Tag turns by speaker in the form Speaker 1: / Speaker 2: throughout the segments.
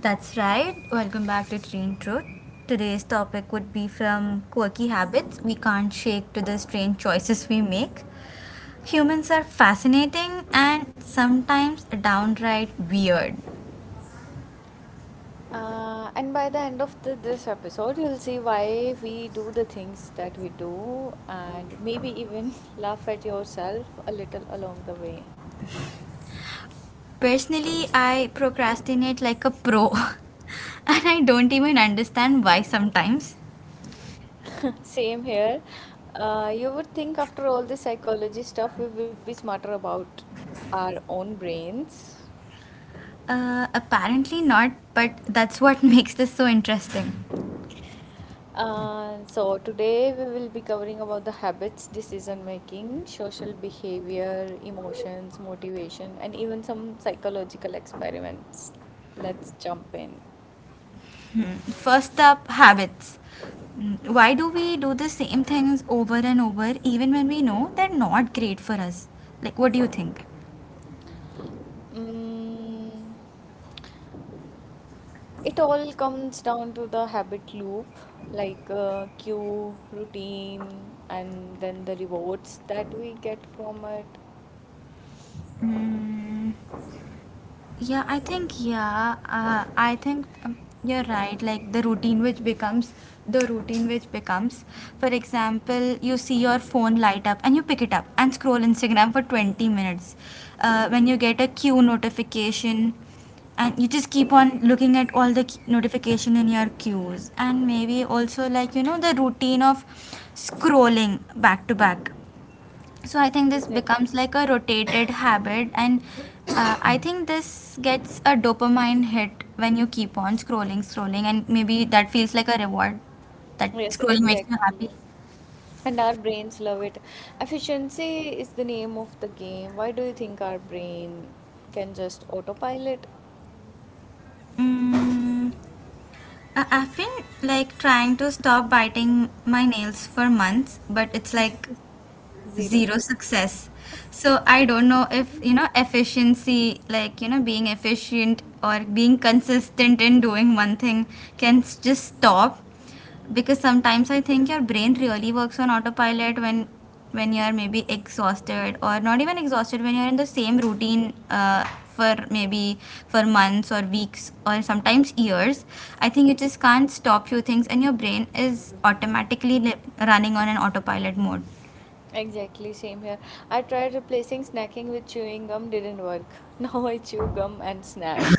Speaker 1: That's right. Welcome back to Train Truth. Today's topic would be from quirky habits we can't shake to the strange choices we make. Humans are fascinating and sometimes downright weird.
Speaker 2: And by the end of this episode, you'll see why we do the things that we do, and maybe even laugh at yourself a little along the way.
Speaker 1: Personally, I procrastinate like a pro, and I don't even understand why sometimes.
Speaker 2: Same here. You would think after all this psychology stuff, we would be smarter about our own brains.
Speaker 1: Apparently not, but that's what makes this so interesting.
Speaker 2: So today we will be covering about the habits, decision making, social behavior, emotions, motivation, and even some psychological experiments. Let's jump in.
Speaker 1: First up, habits. Why do we do the same things over and over even when we know they're not great for us? Like, what do you think?
Speaker 2: Mm. It all comes down to the habit loop, like cue, routine, and then the rewards that we get from it.
Speaker 1: Mm, yeah, I think You're right. Like the routine which becomes. For example, you see your phone light up and you pick it up and scroll Instagram for 20 minutes. When you get a queue notification, and you just keep on looking at all the notification in your queues, and maybe also like you know the routine of scrolling back to back, so I think this
Speaker 2: Exactly.
Speaker 1: becomes like a rotated habit, and I think this gets a dopamine hit when you keep on scrolling and maybe that feels like a reward, that
Speaker 2: Yes,
Speaker 1: scrolling makes
Speaker 2: exactly.
Speaker 1: you happy.
Speaker 2: Exactly. And our brains love it. Efficiency is the name of the game. Why do you think our brain can just autopilot?
Speaker 1: Mm, I- i've been like trying to stop biting my nails for months, but it's like
Speaker 2: Zero
Speaker 1: zero
Speaker 2: success.
Speaker 1: success. So I don't know if you know efficiency, like you know being efficient or being consistent in doing one thing, can just stop, because sometimes I think your brain really works on autopilot when you're maybe exhausted, or not even exhausted, when you're in the same routine for maybe for months or weeks or sometimes years. I think you just can't stop few things and your brain is automatically running on an autopilot mode.
Speaker 2: Exactly, same here. I tried replacing snacking with chewing gum, didn't work. Now I chew gum and snack.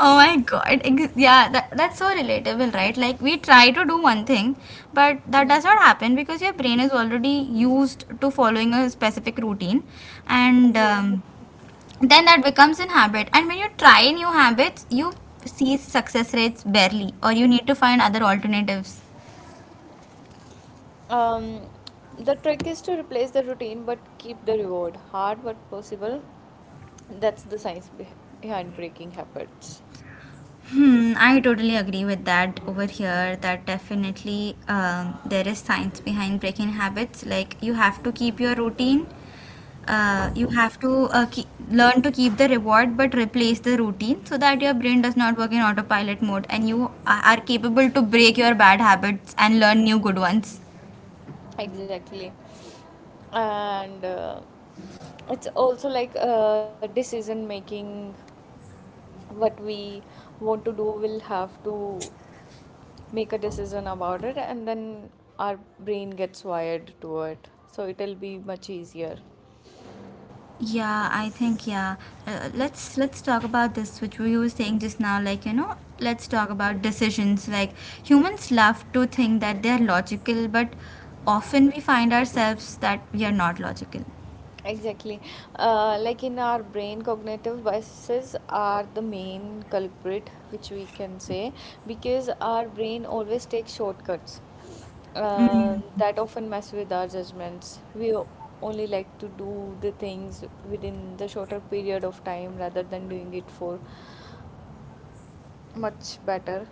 Speaker 1: Oh my god, yeah, that's so relatable, right? Like we try to do one thing but that does not happen because your brain is already used to following a specific routine, and
Speaker 2: Exactly.
Speaker 1: um, then that becomes an habit, and when you try new habits you see success rates barely, or you need to find other alternatives.
Speaker 2: Um, the trick is to replace the routine but keep the reward. Hard but possible. That's the science behind breaking habits.
Speaker 1: Hmm, I totally agree with that over here. That definitely there is science behind breaking habits. Like you have to keep your routine, you have to learn to keep the reward but replace the routine so that your brain does not work in autopilot mode and you are capable to break your bad habits and learn new good ones.
Speaker 2: Exactly. And it's also like decision making. What we want to do, we'll have to make a decision about it, and then our brain gets wired to it. So it'll be much easier.
Speaker 1: Yeah, I think yeah. Let's talk about this, which we were saying just now. Like you know, let's talk about decisions. Like humans love to think that they're logical, but often we find ourselves that we are not logical.
Speaker 2: Exactly. Like in our brain, cognitive biases are the main culprit, which we can say, because our brain always takes shortcuts that often mess with our judgments. We only like to do the things within the shorter period of time rather than doing it for much better.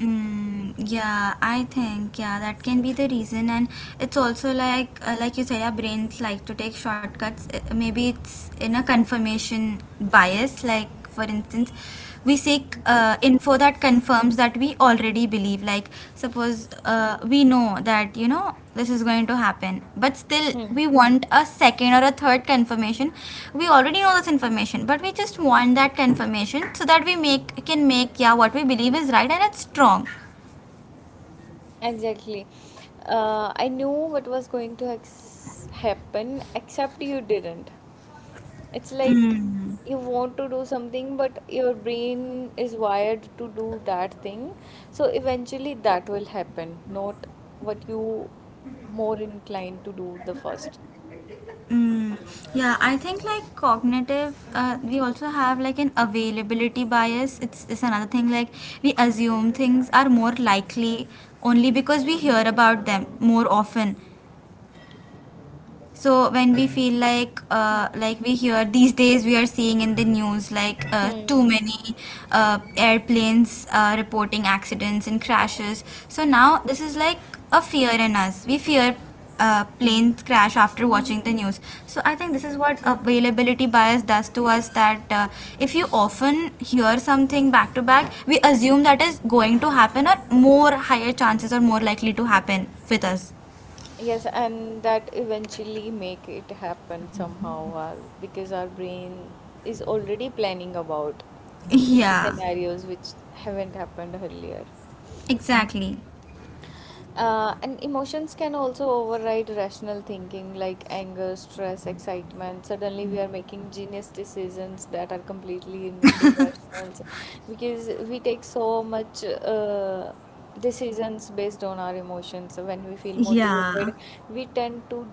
Speaker 1: Mm, yeah, I think yeah that can be the reason, and it's also like you said, our brains like to take shortcuts. Maybe it's in a confirmation bias. Like for instance, we seek info that confirms that we already believe. Like suppose we know that you know this is going to happen, but still we want a second or a third confirmation. We already know this information but we just want that confirmation so that we make can make yeah what we believe is right and it's strong.
Speaker 2: Exactly. I knew what was going to happen, except you didn't. It's like
Speaker 1: mm.
Speaker 2: you want to do something, but your brain is wired to do that thing. So eventually that will happen, not what you more inclined to do the first.
Speaker 1: Mm. Yeah, I think like cognitive we also have like an availability bias. It's another thing. Like we assume things are more likely only because we hear about them more often. So when we feel like we hear these days we are seeing in the news like too
Speaker 2: Hmm.
Speaker 1: many airplanes reporting accidents and crashes. So now this is like a fear in us. We fear planes crash after watching the news. So I think this is what availability bias does to us. That if you often hear something back to back, we assume that is going to happen, or more higher chances are more likely to happen with us.
Speaker 2: Yes, and that eventually make it happen somehow, or because our brain is already planning about the
Speaker 1: Yeah,
Speaker 2: scenarios which haven't happened earlier.
Speaker 1: exactly.
Speaker 2: And emotions can also override rational thinking like anger, stress, excitement. Suddenly, we are making genius decisions that are completely irrational because we take so much decisions based on our emotions. When we feel
Speaker 1: Yeah,
Speaker 2: motivated, we tend to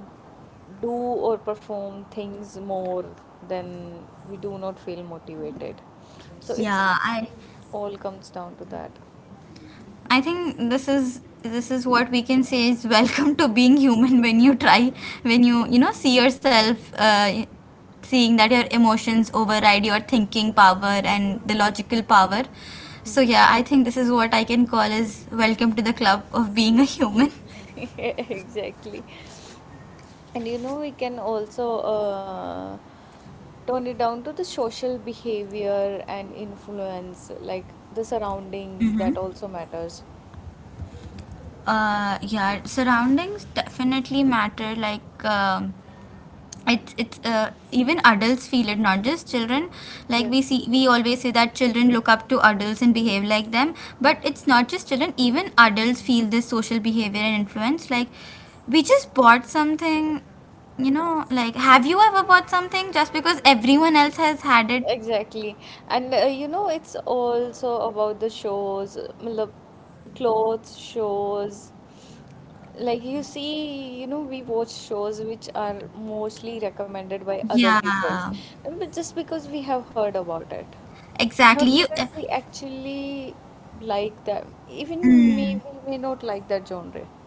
Speaker 2: do or perform things more than we do not feel motivated. So it's
Speaker 1: yeah.
Speaker 2: all comes down to that.
Speaker 1: I think this is what we can say is welcome to being human. When you try, when you know see yourself seeing that your emotions override your thinking power and the logical power. So yeah, I think this is what I can call as welcome to the club of being a human.
Speaker 2: Exactly. And you know, we can also tone it down to the social behavior and influence, like the surroundings,
Speaker 1: Mm-hmm.
Speaker 2: that also matters.
Speaker 1: Yeah, surroundings definitely matter. Like. It's even adults feel it, not just children. Like we
Speaker 2: Yes.
Speaker 1: see, we always say that children look up to adults and behave like them, but
Speaker 2: Hmm.
Speaker 1: it's not just children, even adults feel this social behavior and influence. Like we just bought something, you know, like have you ever bought something just because everyone else has had it?
Speaker 2: Exactly. And you know, it's also about the shows, matlab, clothes shows. Like you see, you know, we watch shows which are mostly recommended by other peoples,
Speaker 1: Yeah,
Speaker 2: but just because we have heard about it.
Speaker 1: exactly.
Speaker 2: Not
Speaker 1: you
Speaker 2: because we actually like them. Even me,
Speaker 1: mm.
Speaker 2: we may not like that genre.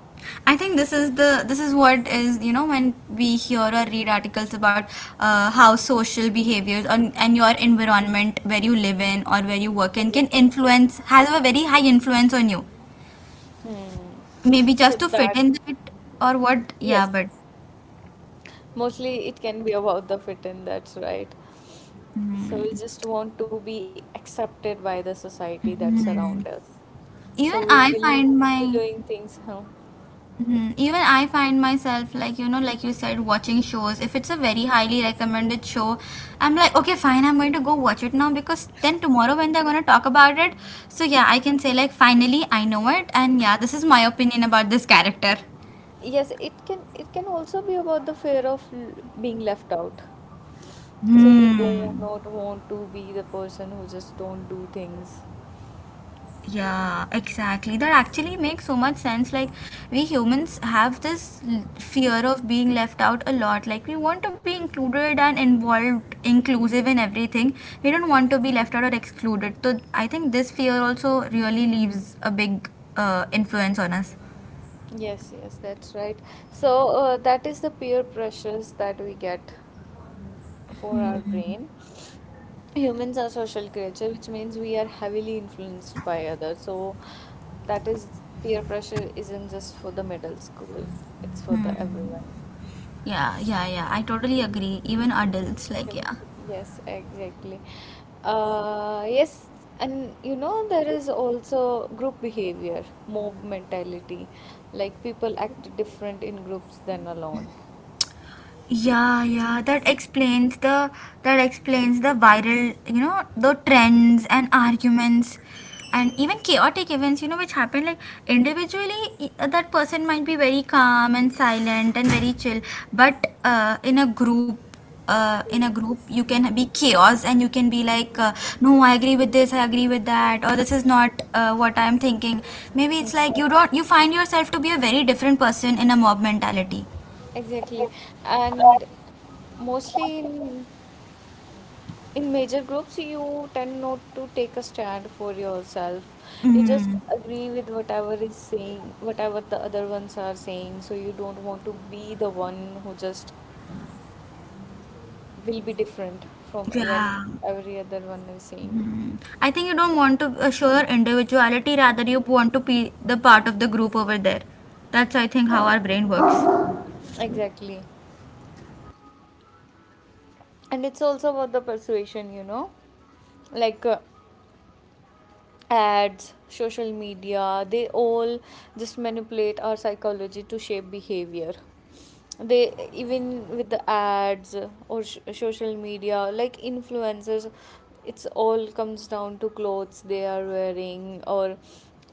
Speaker 1: I think this is the this is what is, you know, when we hear or read articles about how social behaviors and your environment, where you live in or where you work in, can
Speaker 2: Exactly.
Speaker 1: influence, have a very high influence on you.
Speaker 2: Hmm.
Speaker 1: Maybe
Speaker 2: So
Speaker 1: just to
Speaker 2: that,
Speaker 1: fit in that, or what? Yeah,
Speaker 2: yes,
Speaker 1: but
Speaker 2: mostly it can be about the fit in, that's right. So we just want to be accepted by the society that around
Speaker 1: Hmm,
Speaker 2: us.
Speaker 1: even
Speaker 2: So we
Speaker 1: I
Speaker 2: will
Speaker 1: find
Speaker 2: be
Speaker 1: my
Speaker 2: doing things, huh?
Speaker 1: Mhm. Even I find myself, like you know, like you said, watching shows. If it's a very highly recommended show, I'm like, okay, fine, I'm going to go watch it now, because then tomorrow when they're going to talk about it, so yeah, I can say like finally I know it, and yeah, this is my opinion about this character.
Speaker 2: Yes, it can also be about the fear of being left out. So you
Speaker 1: Hmm.
Speaker 2: do not want to be the person who just don't do things.
Speaker 1: Yeah, exactly. That actually makes so much sense. Like, we humans have this fear of being left out a lot. Like, we want to be included and involved, inclusive in everything. We don't want to be left out or excluded. So, I think this fear also really leaves a big influence on us.
Speaker 2: Yes, yes, that's right. So, that is the peer pressures that we get for our brain. Humans are social creature, which means we are heavily influenced by others. So, that is peer pressure isn't just for the middle school, it's for the
Speaker 1: Hmm.
Speaker 2: everyone.
Speaker 1: Yeah, yeah, yeah. I totally agree. Even adults, like,
Speaker 2: Well,
Speaker 1: yeah.
Speaker 2: yes, exactly. Yes, and you know, there is also group behavior, mob mentality, like people act different in groups than alone.
Speaker 1: Yeah, yeah, that explains the viral, you know, the trends and arguments and even chaotic events, you know, which happen. Like individually that person might be very calm and silent and very chill, but in a group
Speaker 2: Yes.
Speaker 1: you can be chaos, and you can be like no, I agree with this, I agree with that, or this is not what I am thinking. Maybe it's like you don't, you find yourself to be a very different person in a mob mentality.
Speaker 2: Exactly. And mostly in major groups you tend not to take a stand for yourself. You just
Speaker 1: Mm.
Speaker 2: agree with whatever is saying, whatever the other ones are saying, so you don't want to be the one who just will be different from when
Speaker 1: Yeah,
Speaker 2: every other one is saying.
Speaker 1: I think you don't want to show your individuality, rather you want to be the part of the group over there. That's, I think, how our brain works.
Speaker 2: Exactly. And it's also about the persuasion, you know. Like ads, social media, they all just manipulate our psychology to shape behavior. They even with the ads or social media, like influencers, it's all comes down to clothes they are wearing or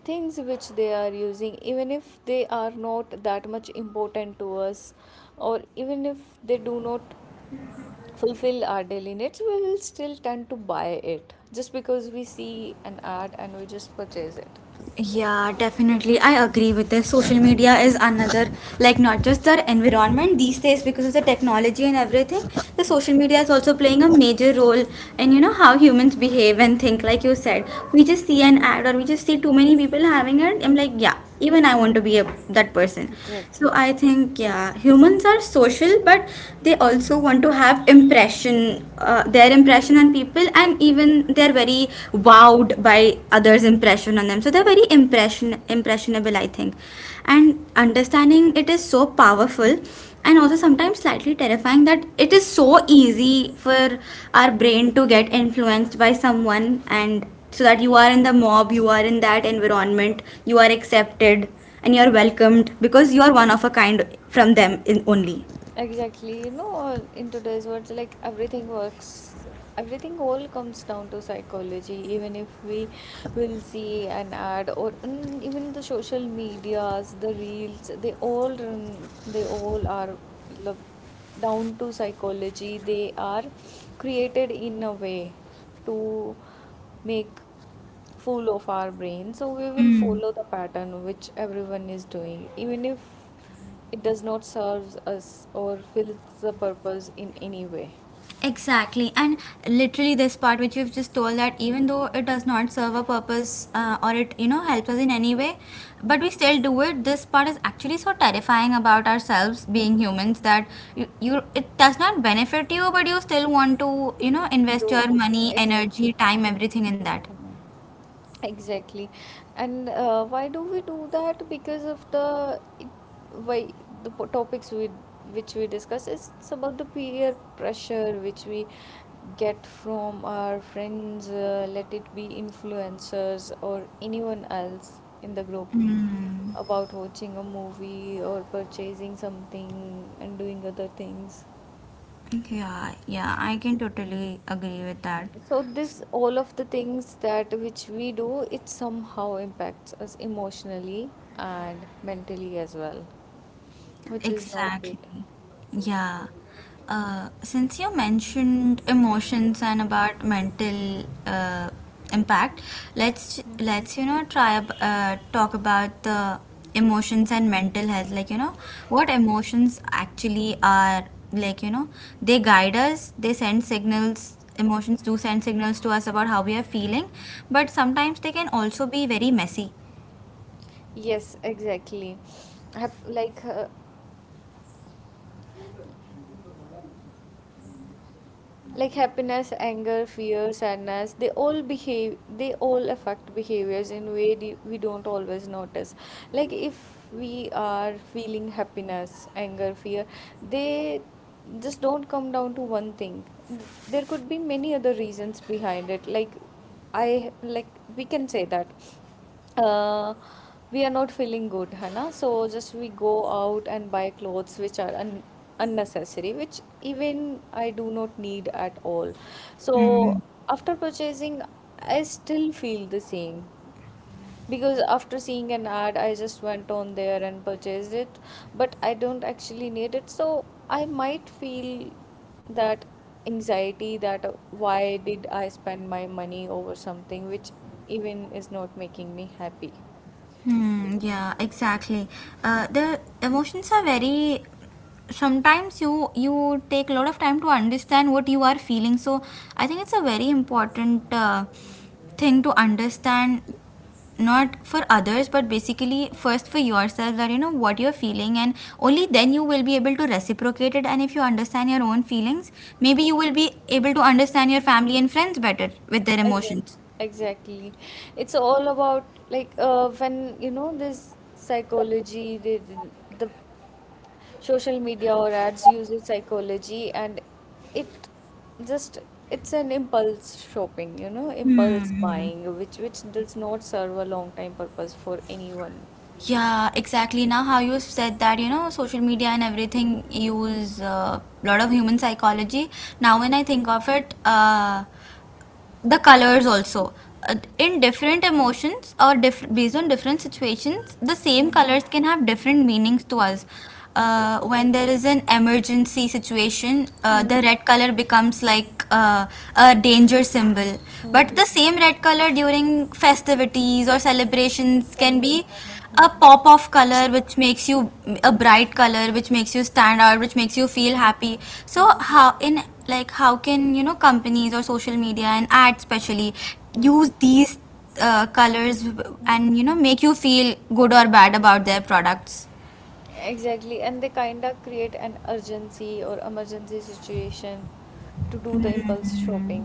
Speaker 2: things which they are using, even if they are not that much important to us, or even if they do not fulfill our daily needs, we will still tend to buy it just because we see an ad and we just purchase it.
Speaker 1: Yeah, definitely. I agree with this. Social media is another, like, not just our environment these days because of the technology and everything. The social media is also playing a major role in, you know, how humans behave and think, like you said. We just see an ad or we just see too many people having it. I'm like, yeah, even I want to be a, that person. So
Speaker 2: Exactly.
Speaker 1: I think yeah, humans are social, but they also want to have impression their impression on people, and even they're very wowed by others impression on them. So they're very impressionable I think, and understanding it is so powerful, and also sometimes slightly terrifying that it is so easy for our brain to get influenced by someone, and so that you are in the mob, you are in that environment, you are accepted and you are welcomed because you are one of a kind from them in only.
Speaker 2: Exactly. In today's world, like everything works, everything all comes down to psychology. Even if we will see an ad or even the social medias, the reels, they all run, they all are lo- down to psychology. They are created in a way to make full of our brain so we will
Speaker 1: Mm,
Speaker 2: follow the pattern which everyone is doing even if it does not serves us or fills the purpose in any way.
Speaker 1: exactly. And literally, this part which you've just told, that even though it does not serve a purpose or it, you know, helps us in any way, but we still do it. This part is actually so terrifying about ourselves being humans, that you, it does not benefit you, but you still want to, you know, invest
Speaker 2: Dude,
Speaker 1: your money,
Speaker 2: exactly.
Speaker 1: energy, time, everything in that.
Speaker 2: Exactly. And why do we do that because of why the topics we which we discuss is it's about the peer pressure which we get from our friends, let it be influencers or anyone else in the group
Speaker 1: Mm.
Speaker 2: about watching a movie or purchasing something and doing other things.
Speaker 1: Yeah, yeah, I can totally agree with that.
Speaker 2: So
Speaker 1: S-
Speaker 2: this all of the things that which we do it somehow impacts us emotionally and mentally as well, which is not good.
Speaker 1: Exactly. Yeah. Since you mentioned emotions and about mental impact, let's you know try talk about the emotions and mental health. Like you know what emotions actually are. Like you know they guide us. They send signals. Emotions do send signals to us about how we are feeling, but sometimes they can also be very messy.
Speaker 2: Yes, exactly. Hap- like uh, like happiness, anger, fear, sadness, they all behave, they all affect behaviors in way we don't always notice. Like if we are feeling happiness, anger, fear, they just don't come down to one thing. There could be many other reasons behind it, like I like we can say that uh, we are not feeling good, Hannah. So just we go out and buy clothes which are un unnecessary, which even I do not need at all. So
Speaker 1: Mm.
Speaker 2: after purchasing, I still feel the same. Because after seeing an ad, I just went on there and purchased it, but I don't actually need it. So I might feel that anxiety that why did I spend my money over something which even is not making me happy.
Speaker 1: Hmm, yeah, exactly. The emotions are very. Sometimes you take a lot of time to understand what you are feeling. So I think it's a very important thing to understand, not for others, but basically first for yourself, that you know what you're feeling, and only then you will be able to reciprocate it. And if you understand your own feelings, maybe you will be able to understand your family and friends better with their
Speaker 2: Exactly.
Speaker 1: emotions.
Speaker 2: Exactly. It's all about like when you know this psychology, the social media or ads uses psychology, and it just it's an impulse shopping, you know, impulse
Speaker 1: Hmm.
Speaker 2: buying, which does not serve a long time purpose for anyone.
Speaker 1: Yeah, exactly. Now, how you said that, social media and everything use a lot of human psychology. Now, when I think of it, the colors also Uh, in different emotions or based on different situations the same
Speaker 2: Mm.
Speaker 1: colors can have different meanings to us,
Speaker 2: Exactly.
Speaker 1: when there is an emergency situation, the
Speaker 2: Mm.
Speaker 1: red color becomes like a danger symbol, but
Speaker 2: Mm.
Speaker 1: the same red color during festivities or celebrations
Speaker 2: Then
Speaker 1: can be
Speaker 2: me, I know.
Speaker 1: a
Speaker 2: Mm.
Speaker 1: pop of color which makes you a bright color which makes you stand out which makes you feel happy. So how in like how can companies or social media and ads especially
Speaker 2: Mm.
Speaker 1: use these colors
Speaker 2: Mm.
Speaker 1: and make you feel good or bad about their products.
Speaker 2: Exactly, and they kinda create an urgency or emergency situation to do the impulse shopping.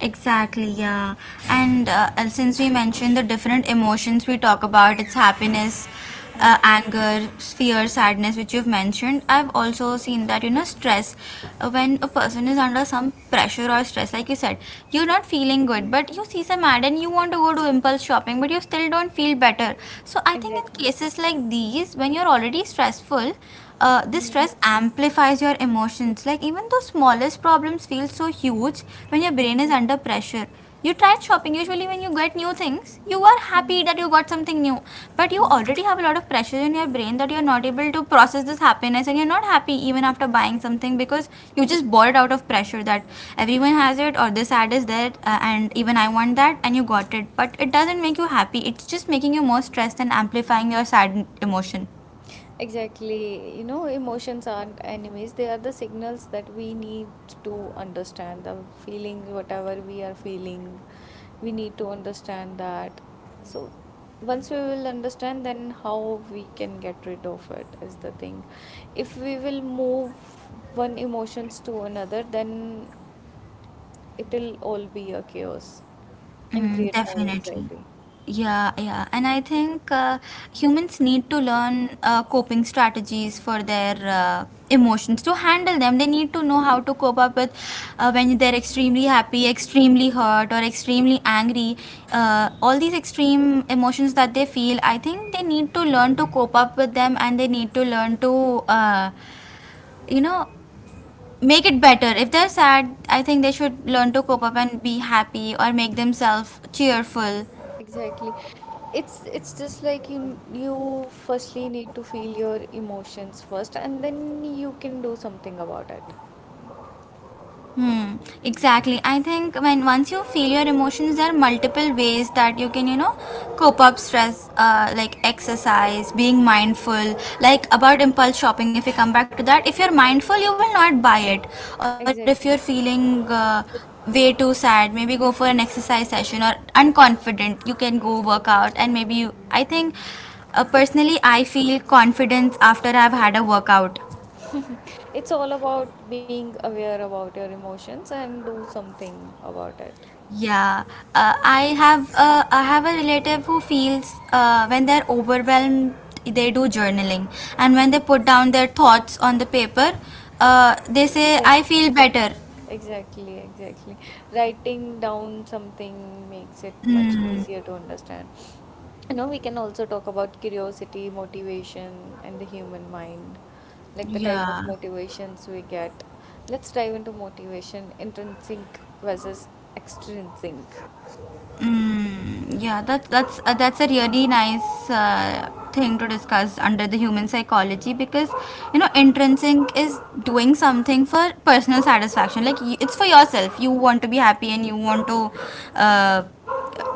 Speaker 1: Exactly, yeah. And since we mentioned the different emotions we talk about, it's happiness,
Speaker 2: Hmm.
Speaker 1: anger, fear, sadness, which you've mentioned. I've also seen that, you know, stress. When a person is under some pressure or stress, like you said, you're not feeling good, but you see some ad and you want to go to impulse shopping, but you still don't feel better. So I think in
Speaker 2: Exactly.
Speaker 1: cases like these, when you're already stressful, this
Speaker 2: Mm,
Speaker 1: stress amplifies your emotions. Like even those smallest problems feel so huge when your
Speaker 2: mm,
Speaker 1: brain is under pressure. You tried shopping. Usually, when you get new things, you are happy that you got something new. But you
Speaker 2: mm.
Speaker 1: already have a lot of pressure in your brain that you are not able to process this happiness, and you're not happy even after buying something because you just bought it out of pressure that everyone has it or this ad is there, and even I want that, and you got it. But it doesn't make you happy. It's just making you more stressed and amplifying your sad emotion.
Speaker 2: Exactly. You know, emotions aren't enemies. They are the signals that we need to understand the feelings, whatever we are feeling. We need to understand that. So, once we will understand, then how we can get rid of it is the thing. If we will move one emotions to another, then it will all be a chaos and
Speaker 1: Mm,
Speaker 2: create more
Speaker 1: definitely.
Speaker 2: anxiety.
Speaker 1: Yeah, yeah. And I think humans need to learn coping strategies for their emotions to handle them. They need to know how to cope up with when they're extremely happy, extremely hurt, or extremely angry. All these extreme emotions that they feel, I think they need to learn to cope up with them and they need to learn to, you know, make it better. If they're sad, I think they should learn to cope up and be happy or make themselves cheerful.
Speaker 2: Exactly. It's just like you firstly need to feel your emotions first and then you can do something about it.
Speaker 1: Hmm, exactly. I think when once you feel your emotions, there are multiple ways that you can, you know, cope up stress, like exercise, being mindful, like about impulse shopping. If you come back to that, if you're mindful, you will not buy it. Or if you're
Speaker 2: Exactly.
Speaker 1: feeling way too sad, maybe go for an exercise session. Or unconfident, you can go work out and maybe you. I think
Speaker 2: It's
Speaker 1: personally, I feel
Speaker 2: Yes.
Speaker 1: confidence after I've had a workout.
Speaker 2: It's all about being aware about your emotions and do something about it.
Speaker 1: Yeah, I have a relative who feels when they're overwhelmed, they do journaling, and when they put down their thoughts on the paper, they say,
Speaker 2: Yes.
Speaker 1: "I feel better."
Speaker 2: Exactly, exactly. Writing down something makes it much
Speaker 1: Mm,
Speaker 2: easier to understand. You know, we can also talk about curiosity, motivation, and the human mind, like the type of
Speaker 1: yeah,
Speaker 2: motivations we get. Let's dive into motivation, intrinsic versus extrinsic.
Speaker 1: mm, yeah. That's a really nice thing to discuss under the human psychology because you know intrinsic is doing something for personal satisfaction. Like you, it's for yourself. You want to be happy and you want to. Uh,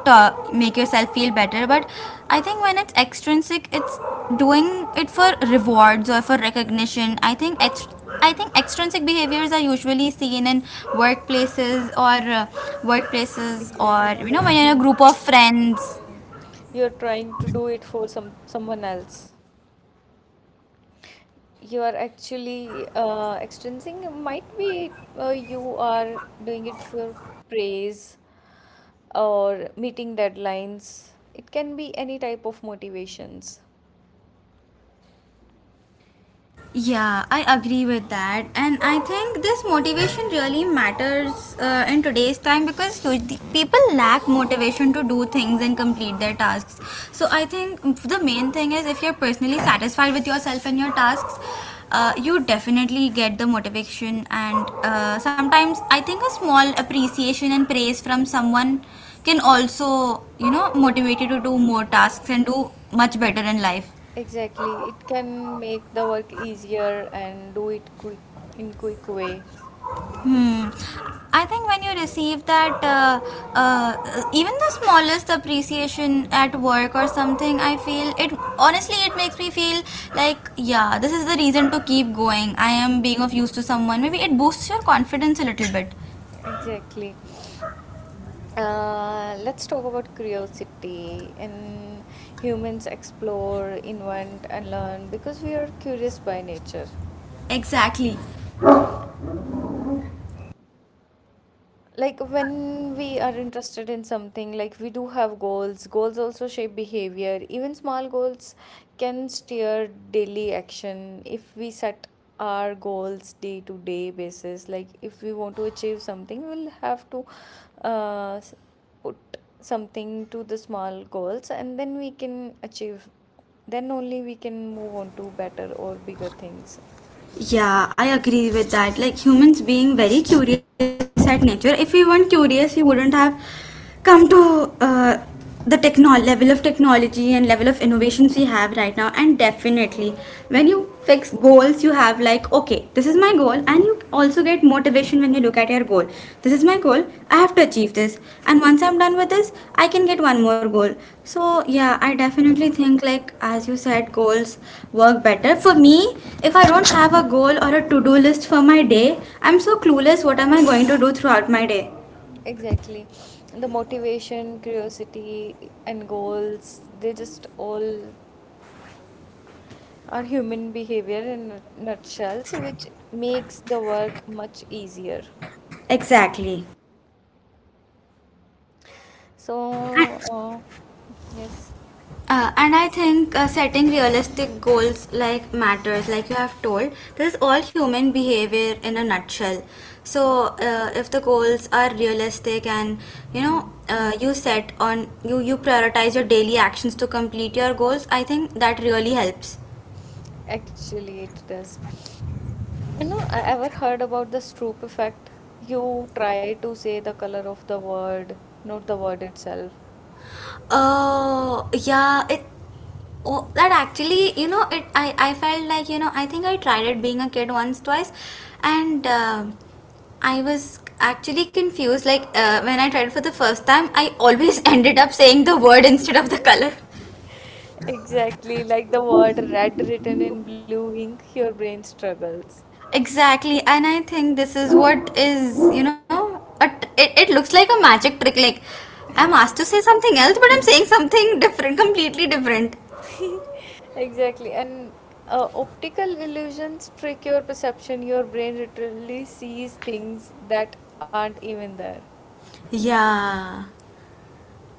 Speaker 1: ta- make yourself feel better. But I think when it's extrinsic, it's doing it for rewards or for recognition. I think extrinsic behaviors are usually seen in workplaces or uh, workplaces or
Speaker 2: Exactly.
Speaker 1: when you're in a
Speaker 2: Mm.
Speaker 1: group of friends.
Speaker 2: Mm. You're trying to do it for someone else. You are actually extrinsic might be you are doing it for praise or meeting deadlines. It can be any type of motivations.
Speaker 1: Yeah, I agree with that. And I think this motivation really matters in today's time because the people lack motivation to do things and complete their tasks. So I think the main thing is if you're personally satisfied with yourself and your tasks, you definitely get the motivation. And sometimes I think a small appreciation and praise from someone can also, you know, motivate you to do more tasks and do much better in life.
Speaker 2: Exactly. It can make the work easier and do it quick in quick way.
Speaker 1: Hmm. I think when you receive that, even the smallest appreciation at work or something, I feel it honestly, it makes me feel like, yeah, this is the reason to keep going. I am being of use to someone. Maybe it boosts your confidence a little bit.
Speaker 2: Exactly. Let's talk about curiosity and humans explore, invent and learn because we are curious by nature.
Speaker 1: Exactly.
Speaker 2: Like when we are interested in something, like we do have goals. Goals also shape behavior, even small goals can steer daily action. If we set our goals day to day basis, like if we want to achieve something, we'll have to uh, s- put something to the small goals and then we can achieve, then only we can move on to better or bigger things.
Speaker 1: Yeah, I agree with that. Like humans being very curious at nature. If we weren't curious, we wouldn't have come to the level of technology and level of innovations we have right now. And definitely, when you fix goals, you have like, okay, this is my goal, and you also get motivation when you look at your goal. This is my goal. I have to achieve this. And once I'm done with this, I can get one more goal. So yeah, I definitely think like as you said, goals work better. For me, if I don't have a goal or a to-do list for my day, I'm so clueless what am I going to do throughout my day.
Speaker 2: Exactly. The motivation, curiosity, and goals, they just all are human behavior in a nutshell, so which makes the work much easier.
Speaker 1: Exactly.
Speaker 2: So, yes,
Speaker 1: And I think setting realistic goals like matters, like you have told. This is all human behavior in a nutshell. So if the goals are realistic and you
Speaker 2: hmm.
Speaker 1: know you set on you prioritize your daily actions to complete your goals, I think that really helps.
Speaker 2: Actually, it does. You know, I ever heard about the Stroop effect. You try to say the color of the word, not the word itself.
Speaker 1: Yeah, it. Oh, that actually, you know, it. I felt like, you know, I think I tried it being a kid once, twice, and I was actually confused. Like, when I tried it for the first time, I always ended up saying the word instead of the color.
Speaker 2: Exactly, like the word red written in blue ink, your brain struggles.
Speaker 1: Exactly, and I think this is what is. It looks like a magic trick. Like, I'm asked to say something else, but I'm saying something different, completely different.
Speaker 2: Exactly. And optical illusions trick your perception. Your brain literally sees things that aren't even there.
Speaker 1: Yeah.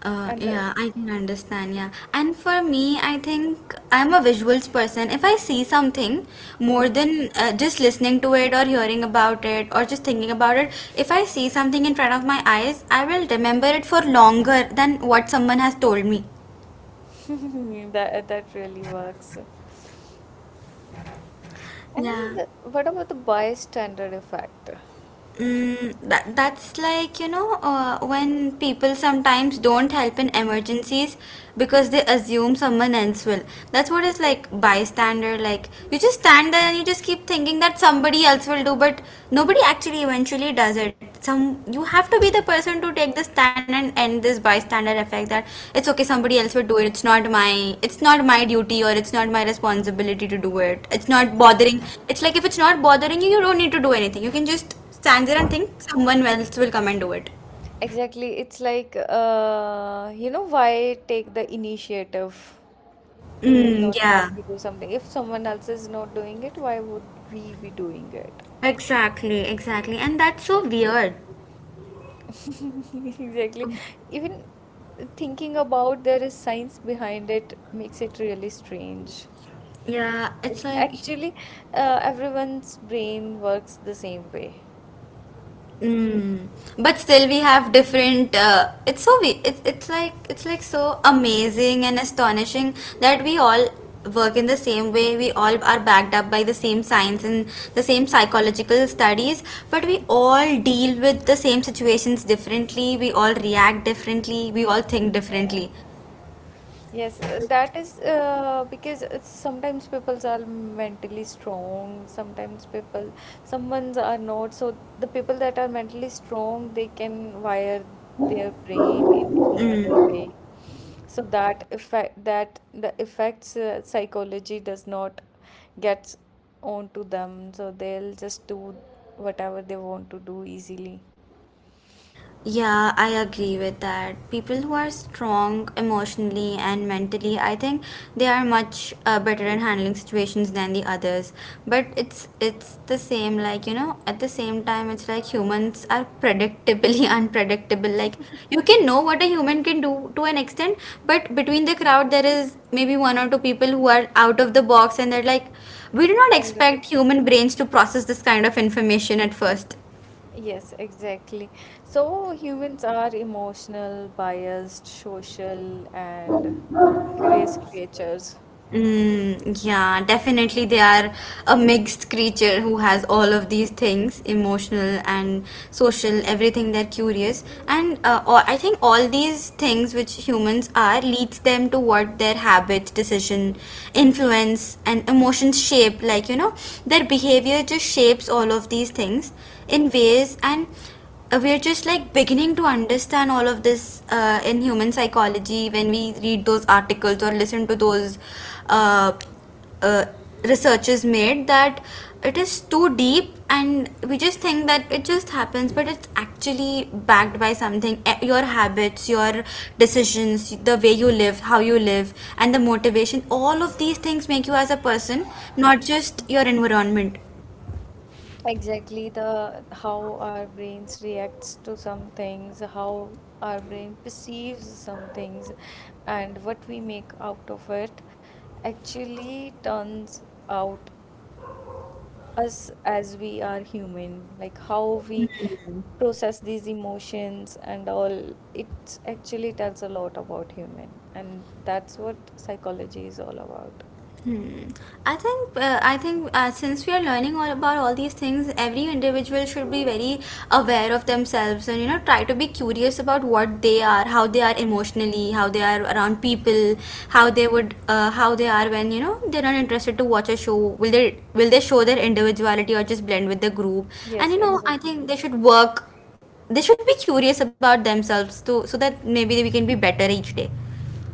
Speaker 2: And the,
Speaker 1: Yeah, I can understand. Yeah. And for me, I think I'm a visuals person. If I see something
Speaker 2: hmm,
Speaker 1: more than just listening to it or hearing about it or just thinking about it, if I see something in front of my eyes, I will remember it for longer than what someone has told me.
Speaker 2: that that really works. And
Speaker 1: Yeah.
Speaker 2: what about the bystander effect?
Speaker 1: Mm, that's like, you know, when people sometimes don't help in emergencies because they
Speaker 2: Yes,
Speaker 1: assume someone else will. That's what is like
Speaker 2: exactly.
Speaker 1: bystander. Like, you just stand there and you just keep thinking that somebody else will do, but nobody actually eventually does it. Some You have to be the person to take the stand and end this bystander effect that it's okay, somebody else will do it. It's not my duty or it's not my responsibility to do it. It's not
Speaker 2: Exactly.
Speaker 1: bothering. It's like if it's not bothering you, you don't need to do anything. You can just stand there and think someone else will come and do it.
Speaker 2: Exactly. It's like, you know, why take the initiative? We will
Speaker 1: Mm,
Speaker 2: not
Speaker 1: yeah,
Speaker 2: have to do something. If someone else is not doing it, why would we be doing it?
Speaker 1: exactly, exactly. And that's so weird.
Speaker 2: Exactly. Even thinking about there is science behind it makes it really strange.
Speaker 1: Yeah, it's
Speaker 2: Like
Speaker 1: like,
Speaker 2: actually, everyone's brain works the same way.
Speaker 1: mm. But still, we have different. It's like so amazing and astonishing that we all work in the same way. We all are backed up by the same science and the same psychological studies, but we all deal with the same situations differently. We all react differently. We all think
Speaker 2: Yeah.
Speaker 1: differently.
Speaker 2: Yes, that is because sometimes people are mentally strong, sometimes some ones are not. So the people that are mentally strong, they can wire their brain in any other way. So that the effects psychology does not get onto them. So they'll just do whatever they want to do easily.
Speaker 1: Yeah, I agree with that. People who are strong emotionally and mentally, I think they are much better in handling situations than the others. But it's the same like, you know, at the same time it's like humans are predictably unpredictable. Like you can know what a human can do to an extent, but between the crowd there is maybe one or two people who are out of the box and they're like we do not
Speaker 2: They'll
Speaker 1: expect human brains to process this kind of information at first.
Speaker 2: Yes, exactly. So humans are emotional, biased, social, and curious creatures.
Speaker 1: Mm, yeah, definitely they are a mixed creature who has all of these things, emotional and social, everything they're curious. And all, I think all these things which humans are leads them to what their habit, decision, influence and emotions shape. Like, you know, their behavior just shapes all of these things in ways and we're just like beginning to understand all of this in human psychology when we read those articles or listen to those uh, uh, researches made that it is too deep and we just think that it just happens but it's actually backed by something. Eh, your habits, your decisions, the way you live, how you live and the motivation, all of these things make you as a person, not just your environment.
Speaker 2: Exactly the how our brains reacts to some things, how our brain perceives some things, and what we make out of it actually turns out us as we are human, like how we process these emotions and all. It actually tells a lot about human, and that's what psychology is all about.
Speaker 1: Hmm. I think since we are learning all about all these things, every individual should be very aware of themselves and you know try to be curious about what they are, how they are emotionally, how they are around people, how they are when you know they're not interested to watch a show. Will they show their individuality or just blend with the group?
Speaker 2: Yes,
Speaker 1: And you know I
Speaker 2: exactly.
Speaker 1: think they should work. They should be curious about themselves too, so that maybe we can be better each day.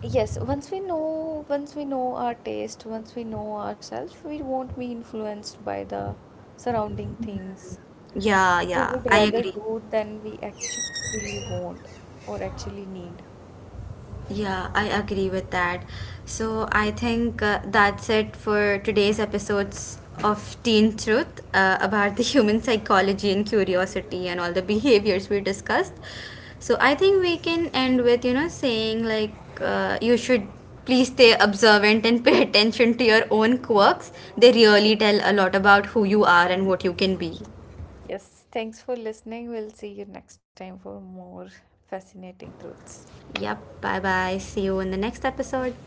Speaker 2: Yes, once we know our taste, once we know ourselves, we won't be influenced by the surrounding things.
Speaker 1: Yeah,
Speaker 2: We would
Speaker 1: yeah, I
Speaker 2: rather
Speaker 1: agree.
Speaker 2: do than we actually want or actually need.
Speaker 1: Yeah, I agree with that. So I think that's it for today's episodes of Teen Truth about the human psychology and curiosity and all the behaviors we discussed. So I think we can end with, you know, saying like you should please stay observant and pay attention to your own quirks. They really tell a lot about who you are and what you can be.
Speaker 2: Yes, thanks for listening. We'll see you next time for more fascinating truths.
Speaker 1: Yep. Bye bye. See you in the next episode.